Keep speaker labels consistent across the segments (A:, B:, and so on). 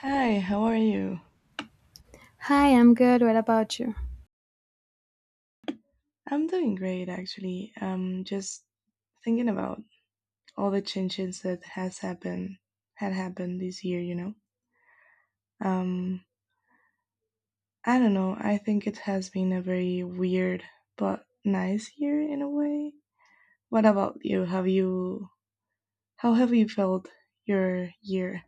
A: Hi, how are you?
B: Hi, I'm good. What about you?
A: I'm doing great actually. Just thinking about all the changes that has happened had happened this year, Um I don't know. I think it has been a very weird but nice year in a way. What about you? Have you How have you felt your year?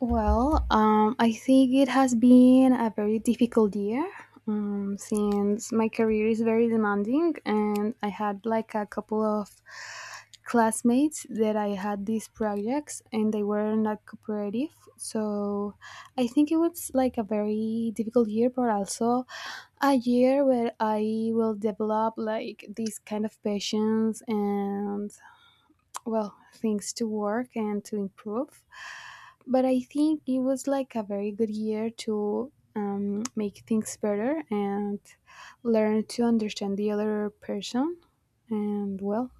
B: Well, I think it has been a very difficult year since my career is very demanding, and I had like a couple of classmates that I had these projects and they were not cooperative. So I think it was like a very difficult year, but also a year where I will develop like this kind of patience and well things to work and to improve, but I think it was like a very good year to make things better and learn to understand the other person, and well,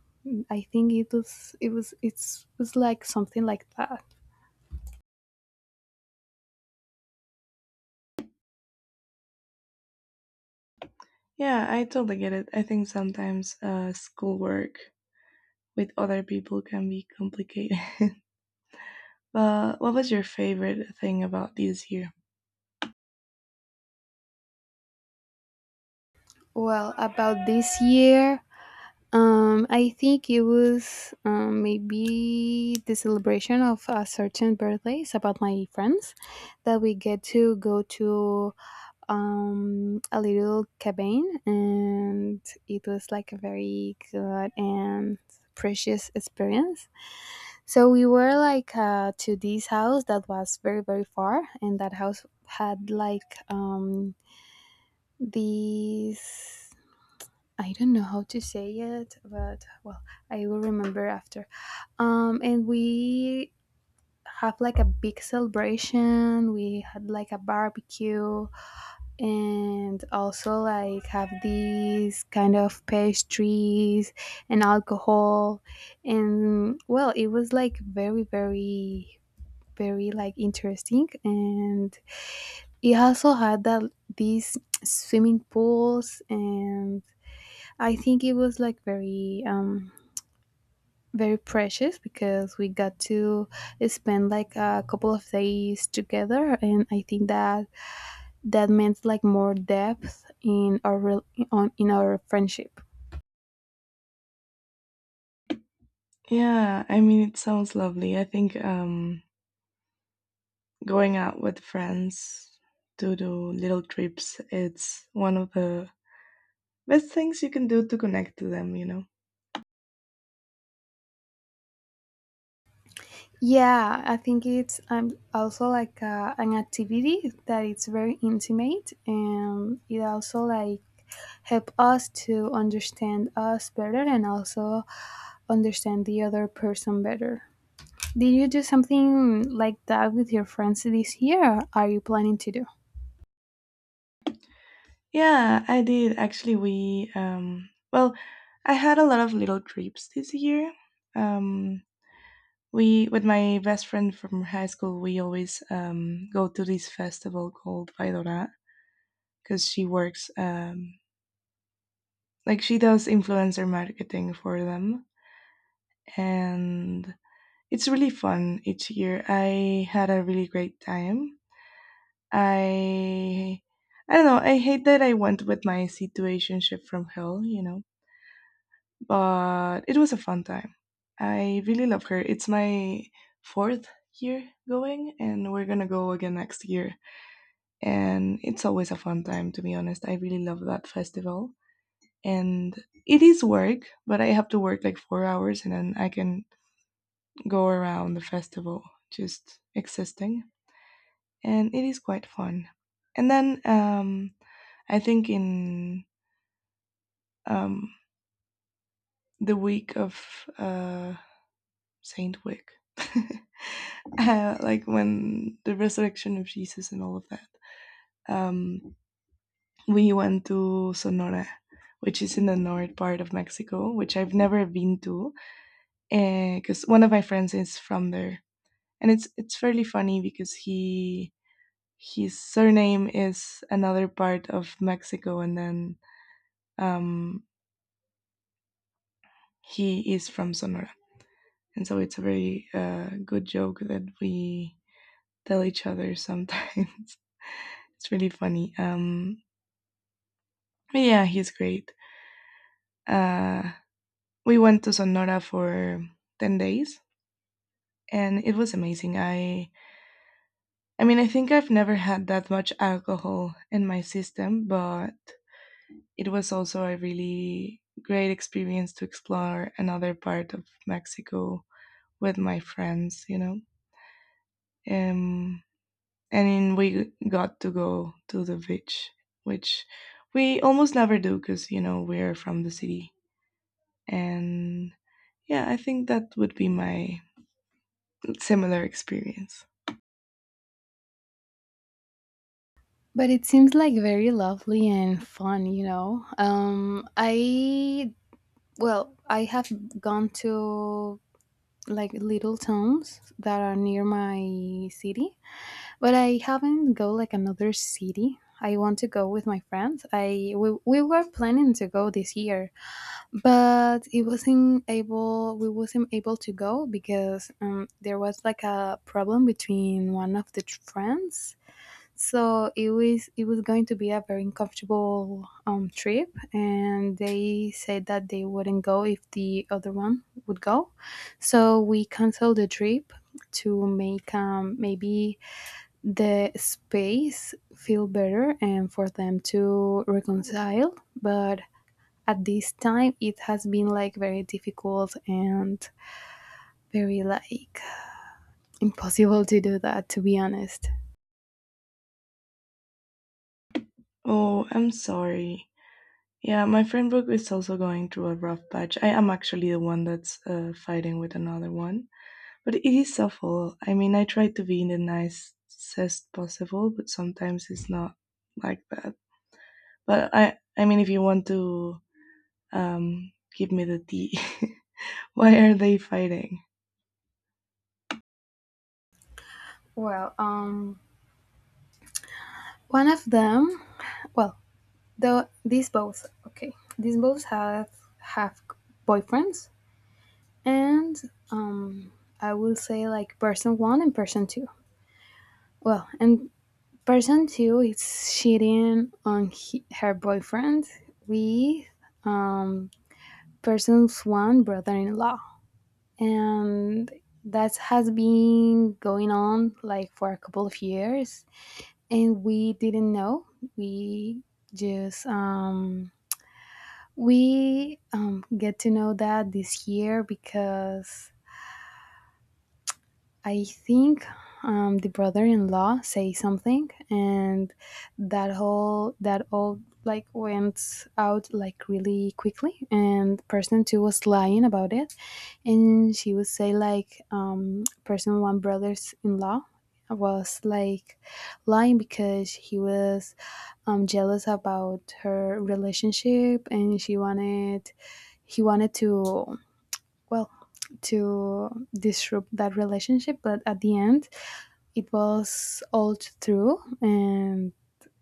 B: I think it was like something like that.
A: Yeah, I totally get it. I think sometimes schoolwork with other people can be complicated. But what was your favorite thing about this year?
B: Well, about this year, I think it was maybe the celebration of a certain birthdays about my friends that we get to go to a little cabin, and it was like a very good and precious experience. So we were like to this house that was very very far, and that house had like these. I don't know how to say it, but well, I will remember after. And we have like a big celebration. We had like a barbecue and also like have these kind of pastries and alcohol, and well, it was like very very very like interesting, and it also had that these swimming pools, and I think it was like very very precious because we got to spend like a couple of days together, and I think that that meant like more depth in our rel- on in our friendship.
A: Yeah, I mean, it sounds lovely. I think going out with friends to do little trips, it's one of the best things you can do to connect to them, you know?
B: Yeah, I think it's also like an activity that it's very intimate, and it also like help us to understand us better and also understand the other person better. Did you do something like that with your friends this year, or are you planning to do?
A: Yeah, I did. Actually, I had a lot of little trips this year. Um, we, with my best friend from high school, we always go to this festival called Vaidora because she works, like she does influencer marketing for them, and it's really fun each year. I had a really great time. I i don't know, I hate that I went with my situationship from hell, you know, but it was a fun time. I really love her. It's my fourth year going and we're gonna go again next year, and it's always a fun time, to be honest. I really love that festival. And it is work, but I have to work like 4 hours and then I can go around the festival just existing, and it is quite fun. And then I think in, um, the week of, uh, saint week, like when the resurrection of Jesus and all of that. um, we went to Sonora, which is in the north part of Mexico, which I've never been to, because one of my friends is from there, and it's fairly funny because he his surname is another part of Mexico, and then, um, he is from Sonora, and so it's a very good joke that we tell each other sometimes. It's really funny. But yeah, he's great. Uh, we went to Sonora for 10 days and it was amazing. I mean, I think I've never had that much alcohol in my system, but it was also a really great experience to explore another part of Mexico with my friends, you know. Um and then we got to go to the beach, which we almost never do cuz you know, we're from the city. And yeah, I think that would be my similar experience.
B: But it seems like very lovely and fun, you know. I Well, I have gone to like little towns that are near my city, but I haven't go like another city. I want to go with my friends. We were planning to go this year, but it wasn't able. We wasn't able to go because there was like a problem between one of the friends, so it was going to be a very uncomfortable trip, and they said that they wouldn't go if the other one would go. So we canceled the trip to make maybe the space feel better and for them to reconcile. But at this time, it has been like very difficult and very like impossible to do that, to be honest.
A: Oh, I'm sorry. Yeah, my friend group is also going through a rough patch. I am actually the one that's fighting with another one. But it is awful. I mean, I try to be in the nicest possible, but sometimes it's not like that. But I mean, if you want to, give me the tea. Why are they fighting?
B: Well, one of them, well, these both, okay, these both have have boyfriends, and um I will say like person one and person two. Well, and person two is cheating on her boyfriend with um person's one brother-in-law, and that has been going on like for a couple of years, and we didn't know. we just um We get to know that this year because I think the brother-in-law say something, and that all like went out like really quickly. And person two was lying about it, and she would say like person one brother's-in-law was like lying because he was jealous about her relationship, and she wanted he wanted to, well, to disrupt that relationship, but at the end it was all true. And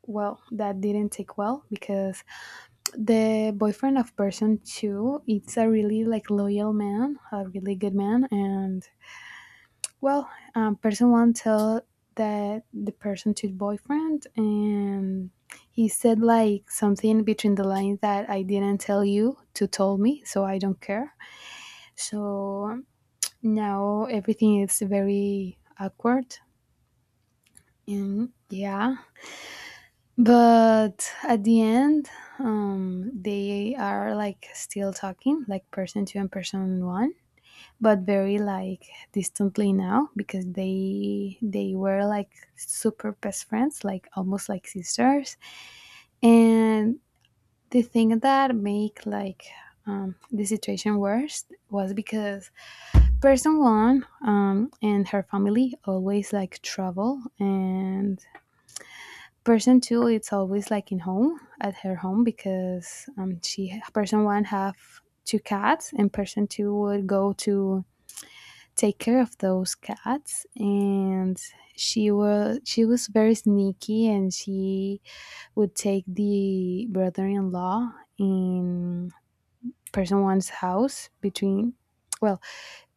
B: well, that didn't take well because the boyfriend of person two, it's a really like loyal man, a really good man. And well, person one tell that the person two boyfriend, and he said like something between the lines that I didn't tell you to told me, so I don't care. So now everything is very awkward, and yeah. But at the end, they are like still talking, like person two and person one, but very like distantly now because they were like super best friends, like almost like sisters. And the thing that make like the situation worse was because person one, and her family always like travel, and person two, it's always like in home at her home because she person one have two cats, and person two would go to take care of those cats. And she was very sneaky, and she would take the brother-in-law in person one's house between, well,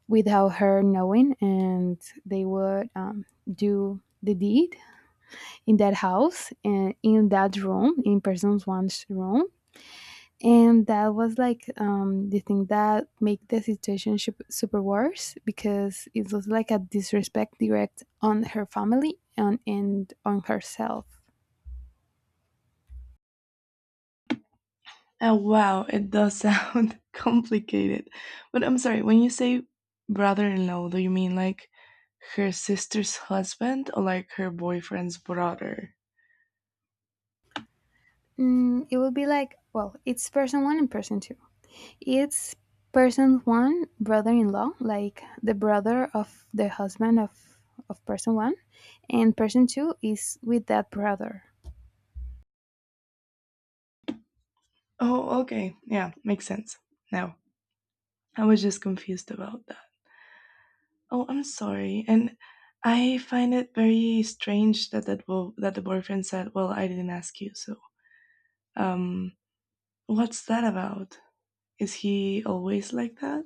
B: without her knowing, and they would do the deed in that house and in that room, in person one's room. And that was like the thing that made the situation super worse because it was like a disrespect direct on her family, and on herself.
A: Oh, wow, it does sound complicated. But I'm sorry, when you say brother in law, do you mean like her sister's husband or like her boyfriend's brother?
B: Mm, it would be like, well, it's person one and person two. It's person one brother-in-law, like the brother of the husband of person one, and person two is with that brother.
A: Oh, okay. Yeah, makes sense. Now, I was just confused about that. Oh, I'm sorry. And I find it very strange that the boyfriend said, "Well, I didn't ask you." So, um, what's that about? Is he always like that?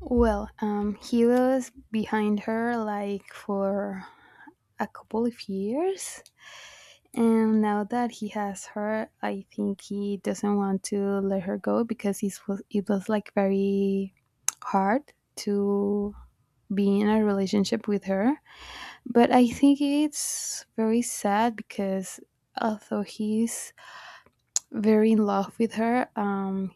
B: Well, he was behind her like for a couple of years, and now that he has her, I think he doesn't want to let her go because it was like very hard to be in a relationship with her. But I think it's very sad because although he's very in love with her,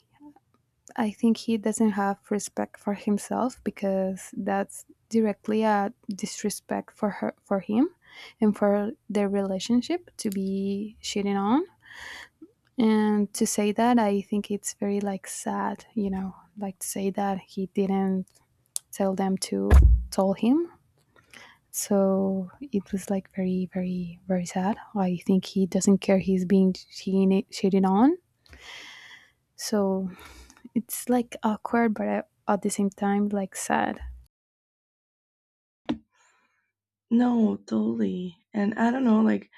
B: I think he doesn't have respect for himself because that's directly a disrespect for her, for him, and for their relationship to be cheating on. And to say that, I think it's very like sad, you know, like to say that he didn't tell them to tell him, so it was like very very very sad. I think he doesn't care he's being cheated on. So it's like awkward, but at the same time like sad.
A: No, totally. And I don't know, like,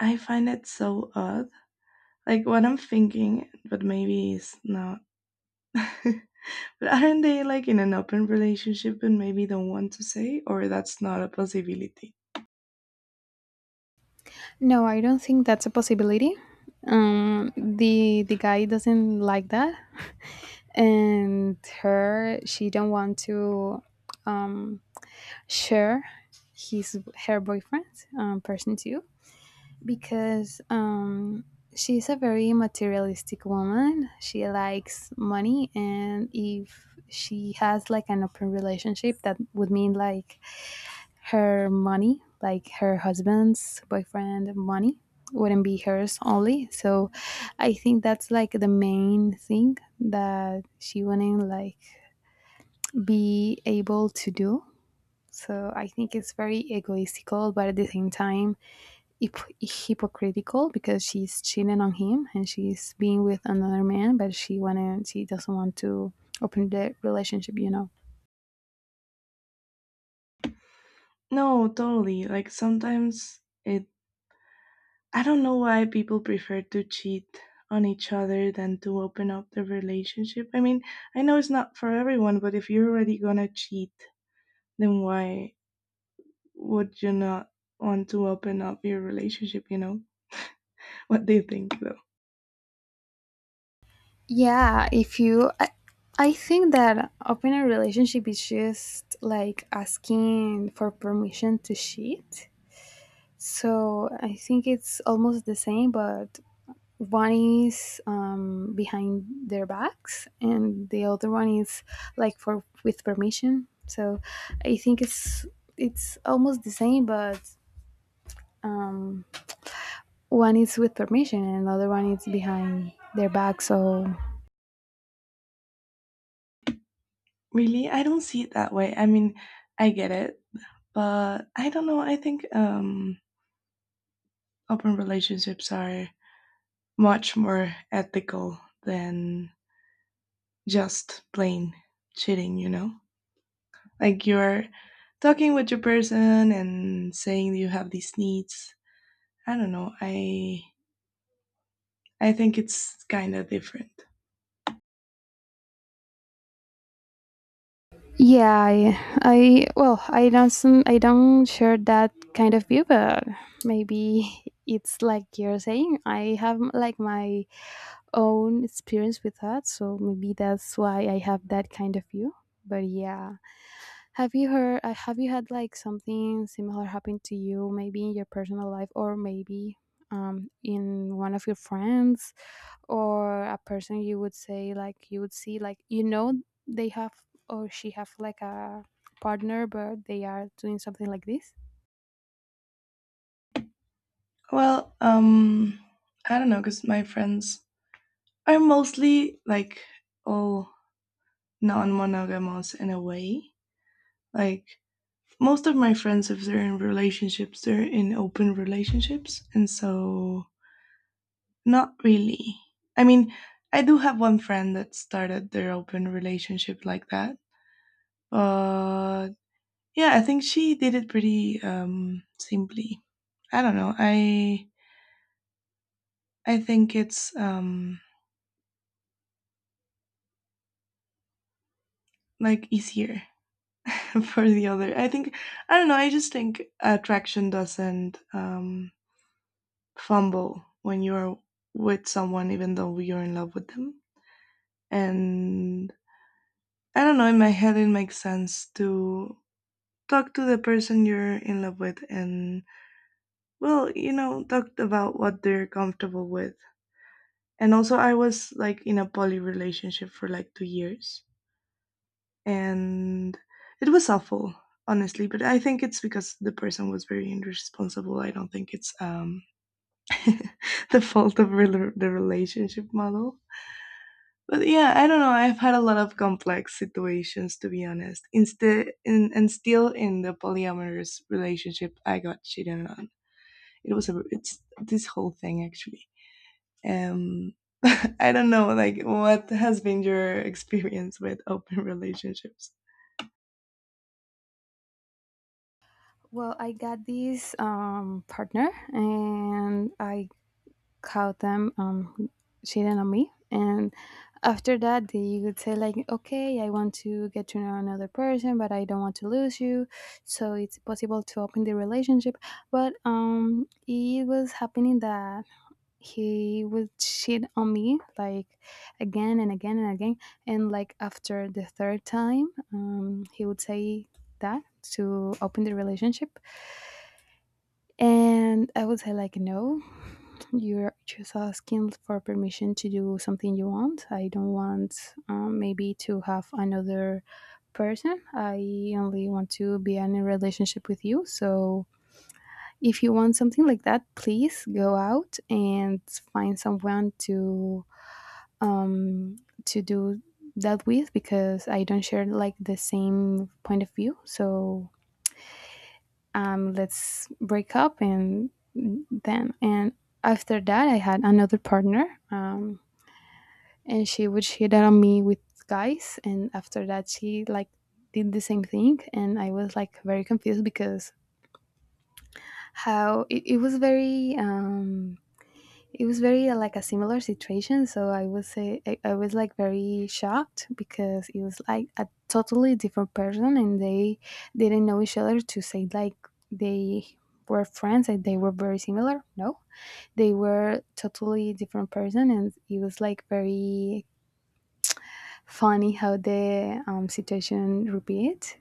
A: I find it so odd. Like, what I'm thinking, but maybe it's not. But aren't they, like, in an open relationship and maybe don't want to say, or that's not a possibility?
B: No, I don't think that's a possibility. The guy doesn't like that, and her she don't want to um share his her boyfriend, person too, because she's a very materialistic woman. She likes money, and if she has like an open relationship, that would mean like her money, like her husband's boyfriend money, wouldn't be hers only. So I think that's like the main thing that she wouldn't like be able to do. So I think it's very egoistical, but at the same time hypocritical because she's cheating on him and she's being with another man, but she doesn't want to open the relationship, you know.
A: No, totally. Like, sometimes it I don't know why people prefer to cheat on each other than to open up the relationship. I mean, I know it's not for everyone, but if you're already gonna cheat, then why would you not want to open up your relationship, you know? What do you think though?
B: Yeah, if you, I think that opening a relationship is just like asking for permission to cheat. So I think it's almost the same, but one is behind their backs and the other one is like for with permission. So I think it's almost the same, but um, one is with permission and another one is behind their back. So
A: Really? I don't see it that way. I mean, I get it, but I don't know. I think open relationships are much more ethical than just plain cheating, you know? Like you're talking with your person and saying you have these needs. I don't know. I think it's kind of different.
B: yeah, I well, I don't share that kind of view, but maybe it's like you're saying. I have like my own experience with that, so maybe that's why I have that kind of view. But yeah, have you heard? Have you had like something similar happen to you, maybe in your personal life, or maybe in one of your friends, or a person you would say like you would see like you know they have or she have like a partner but they are doing something like this?
A: Well, I don't know, because my friends are mostly like all non monogamous in a way. Like most of my friends, if they're in relationships, they're in open relationships. And so, not really. I mean, I do have one friend that started their open relationship like that. But yeah, I think she did it pretty simply. I don't know. I think it's like easier for the other. I don't know. I just think attraction doesn't, fumble when you're with someone, even though you're in love with them. And I don't know, in my head it makes sense to talk to the person you're in love with and, well, you know, talk about what they're comfortable with. And also I was like in a poly relationship for like 2 years, and it was awful honestly, but I think it's because the person was very irresponsible. I don't think it's the fault of the relationship model. But yeah, I don't know. I've had a lot of complex situations to be honest. Instead, and still in the polyamorous relationship, I got cheated on. It was a It's this whole thing actually. Um, I don't know. Like, what has been your experience with open relationships?
B: Well, I got this partner, and I caught them cheating on me, and after that they would say like okay, I want to get to know another person but I don't want to lose you, so it's possible to open the relationship. But it was happening that he would cheat on me like again and again and again. And like after the third time, he would say that to open the relationship, and I would say like no, you're just asking for permission to do something you want. I don't want, maybe, to have another person. I only want to be in a relationship with you. So if you want something like that, please go out and find someone to, um, to do that with because I don't share like the same point of view. So let's break up and after that I had another partner. um, and she would cheat on me with guys, and after that she like did the same thing, and I was like very confused because how it was very it was very like a similar situation. So I would say I was like very shocked because it was like a totally different person and they didn't know each other, to say like they were friends and they were very similar. No, they were totally different person, and it was like very funny how the situation repeat.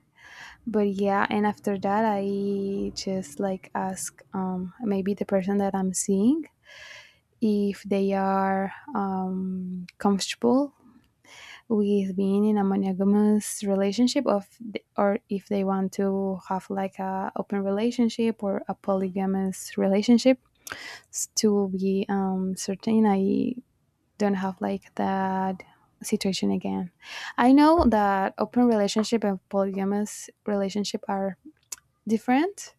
B: But yeah, and after that I just like ask, maybe the person that I'm seeing, if they are comfortable with being in a monogamous relationship or if they want to have like a open relationship or a polygamous relationship. To be certain I don't have like that situation again. I know that open relationship and polygamous relationship are different,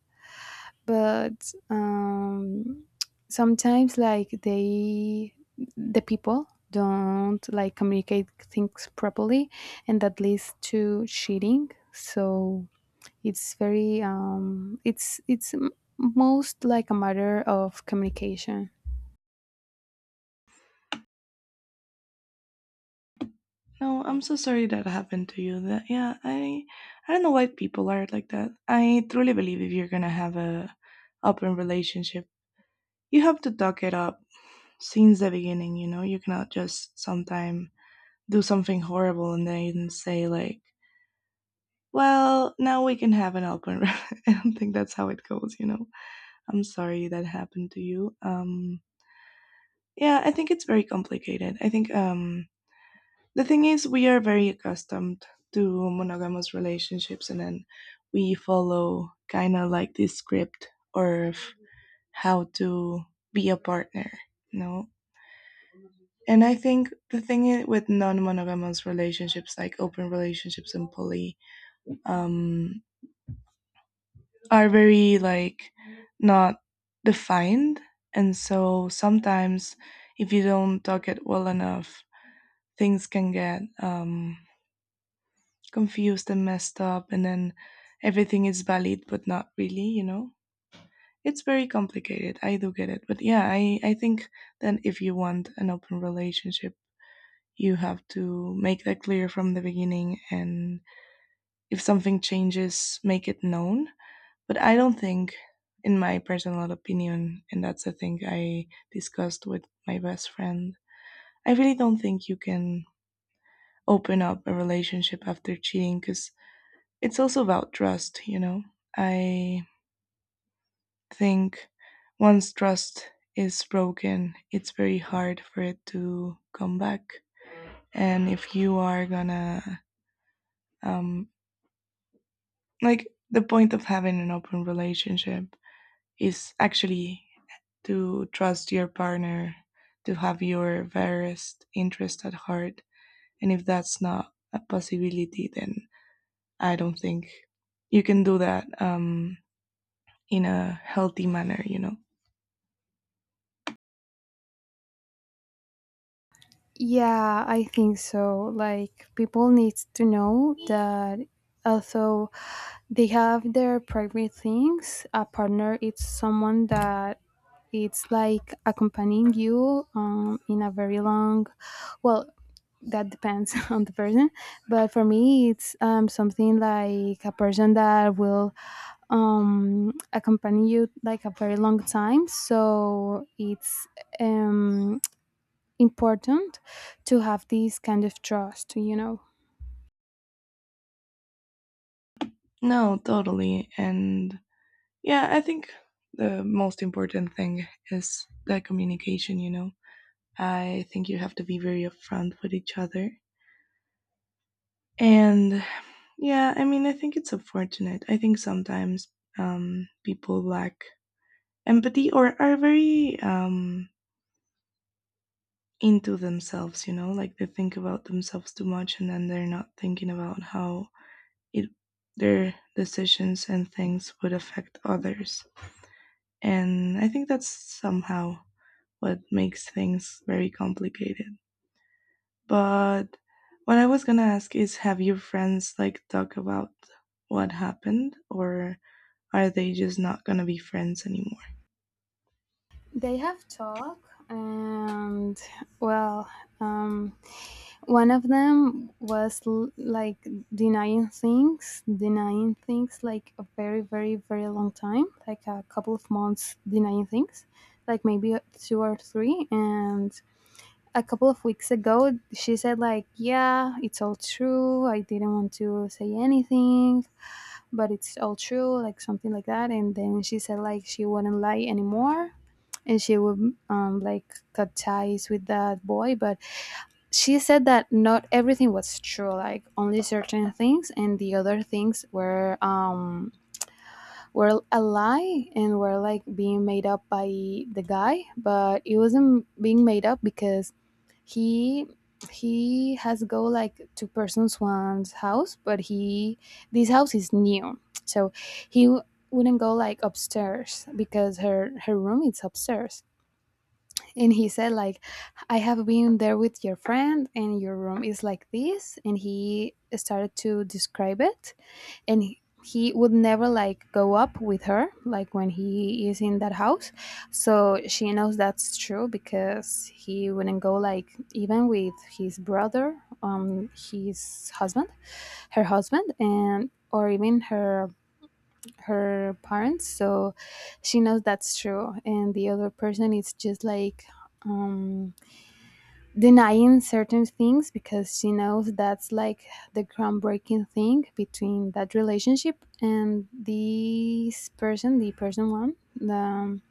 B: but sometimes like the people don't like communicate things properly and that leads to cheating. So it's very it's most like a matter of communication.
A: No, I'm so sorry that happened to you. That yeah, I don't know why people are like that. I truly believe if you're gonna have a open relationship, you have to talk it up since the beginning, you know. You cannot just sometime do something horrible and then say like, well now we can have an open, I don't think that's how it goes, you know. I'm sorry that happened to you. Yeah, I think it's very complicated. I think the thing is we are very accustomed to monogamous relationships, and then we follow kind of like this script of how to be a partner, you know. And I think the thing with non-monogamous relationships, like open relationships and poly, um, are very like not defined, and so sometimes if you don't talk it well enough, things can get, confused and messed up, and then everything is valid but not really, you know. It's very complicated. I do get it, but yeah, I think that if you want an open relationship you have to make that clear from the beginning, and if something changes make it known. But I don't think, in my personal opinion, and that's a thing I discussed with my best friend, I really don't think you can open up a relationship after cheating because it's also about trust, you know. I think once trust is broken it's very hard for it to come back, and if you are gonna, um, like, the point of having an open relationship is actually to trust your partner, to have your various interest at heart, and if that's not a possibility then I don't think you can do that, in a healthy manner, you know.
B: Yeah, I think so. Like people need to know that although they have their private things, a partner is someone that it's like accompanying you, in a very long, well, that depends on the person. But for me, it's something like a person that will accompany you like a very long time. So it's um, important to have this kind of trust, you know.
A: No, totally. And yeah, I think the most important thing is the communication, you know. I think you have to be very upfront with each other. And yeah, I mean, I think it's unfortunate. I think sometimes, people lack empathy or are very into themselves, you know, like they think about themselves too much and then they're not thinking about how it their decisions and things would affect others, and I think that's somehow what makes things very complicated. But what I was going to ask is, have your friends like talk about what happened, or are they just not going to be friends anymore?
B: They have talk, and well, um, one of them was like denying things, denying things like a very, very, very long time, like a couple of months denying things, like maybe two or three. And a couple of weeks ago she said like, yeah, it's all true, I didn't want to say anything, but it's all true, like something like that. And then she said like she wouldn't lie anymore and she would, like cut ties with that boy. But she said that not everything was true, like only certain things, and the other things were a lie and were like being made up by the guy. But it wasn't being made up because he he has go like to Person Swan's house. But he, this house is new, so he w- wouldn't go like upstairs because her room is upstairs. And he said like, I have been there with your friend and your room is like this, and he started to describe it. And he would never like go up with her like when he is in that house. So she knows that's true because he wouldn't go like even with his brother, his husband, her husband, and or even her parents. So she knows that's true. And the other person is just like um denying certain things because she knows that's like the groundbreaking thing between that relationship. And this person, the person one,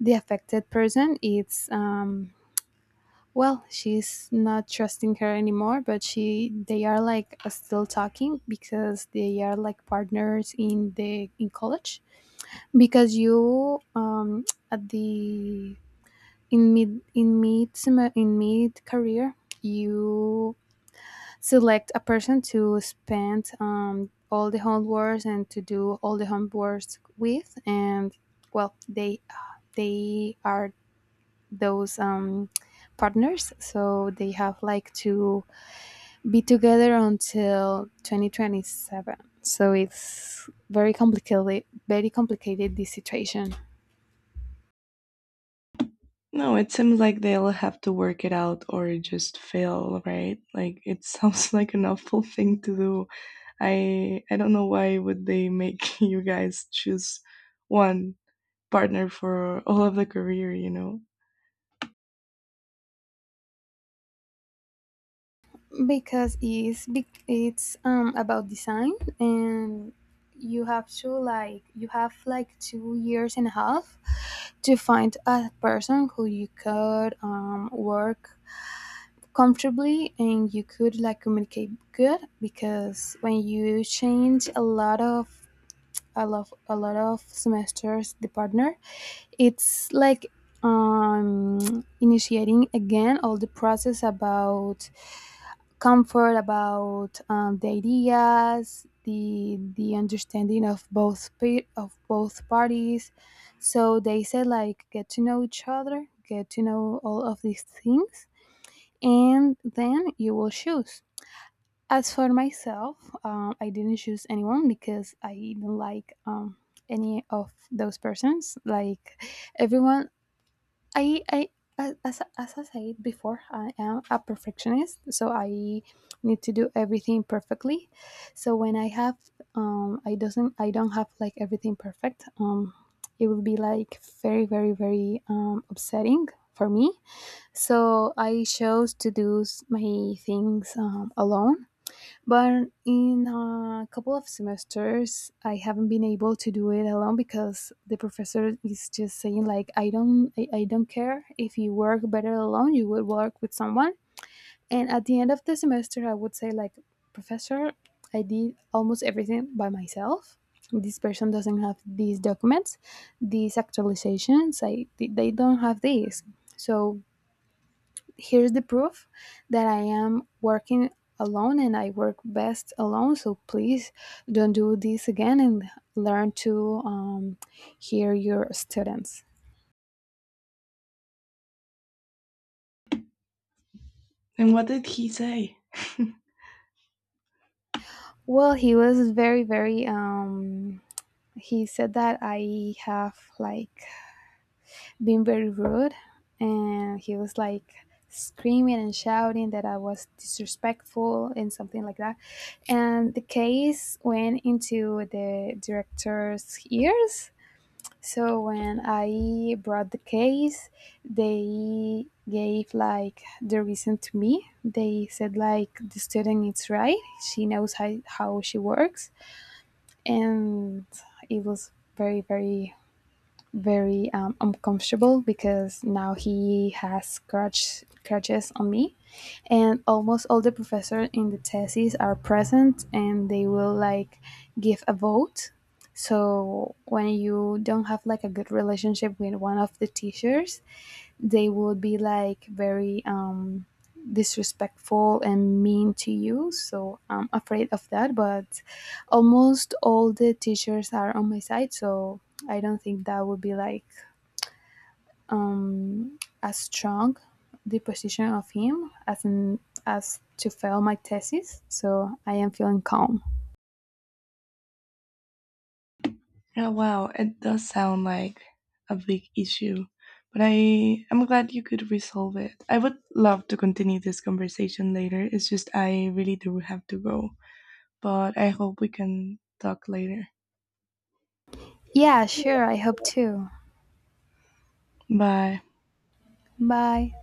B: the affected person, it's well, she's not trusting her anymore, but she they are like still talking because they are like partners in the in college. Because you, at the in mid career, you select a person to spend, all the homeworks and to do all the homeworks with. And well, they are those partners, so they have like to be together until 2027. So it's very complicated, very complicated this situation.
A: No, it seems like they'll have to work it out or just fail, right? Like it sounds like an awful thing to do. I don't know why would they make you guys choose one partner for all of the career, you know?
B: Because it's about design. And you have to like, you have like 2 years and a half to find a person who you could, work comfortably and you could like communicate good. Because when you change a lot of a lot of semesters, the partner it's like initiating again all the process about comfort, about the ideas, the understanding of of both parties. So they said like, get to know each other, get to know all of these things, and then you will choose. As for myself, I didn't choose anyone because I didn't like, any of those persons. Like everyone, I a- as I said before, I am a perfectionist, so I need to do everything perfectly. So when I have um, I don't have like everything perfect, it will be like very, very, very upsetting for me. So I chose to do my things, alone. But in a couple of semesters, I haven't been able to do it alone because the professor is just saying like, I don't, I don't care if you work better alone. You will work with someone. And at the end of the semester, I would say like, professor, I did almost everything by myself. This person doesn't have these documents, these actualizations. I they don't have these. So here's the proof that I am working alone and I work best alone. So please don't do this again and learn to, hear your students.
A: And what did he say?
B: Well, he was very, very, he said that I have like been very rude. And he was like screaming and shouting that I was disrespectful and something like that. And the case went into the director's ears. So when I brought the case, they gave like the reason to me. They said like, the student is right. She knows how she works. And it was very, very, very uncomfortable because now he has crutches on me. And almost all the professors in the thesis are present and they will like give a vote. So when you don't have like a good relationship with one of the teachers, they will be like very disrespectful and mean to you, so I'm afraid of that. But almost all the teachers are on my side, so I don't think that would be like um as strong the position of him as in, as to fail my thesis. So I am feeling calm.
A: Oh wow, it does sound like a big issue. But I'm glad you could resolve it. I would love to continue this conversation later. It's just I really do have to go. But I hope we can talk later.
B: Yeah, sure, I hope too.
A: Bye.
B: Bye.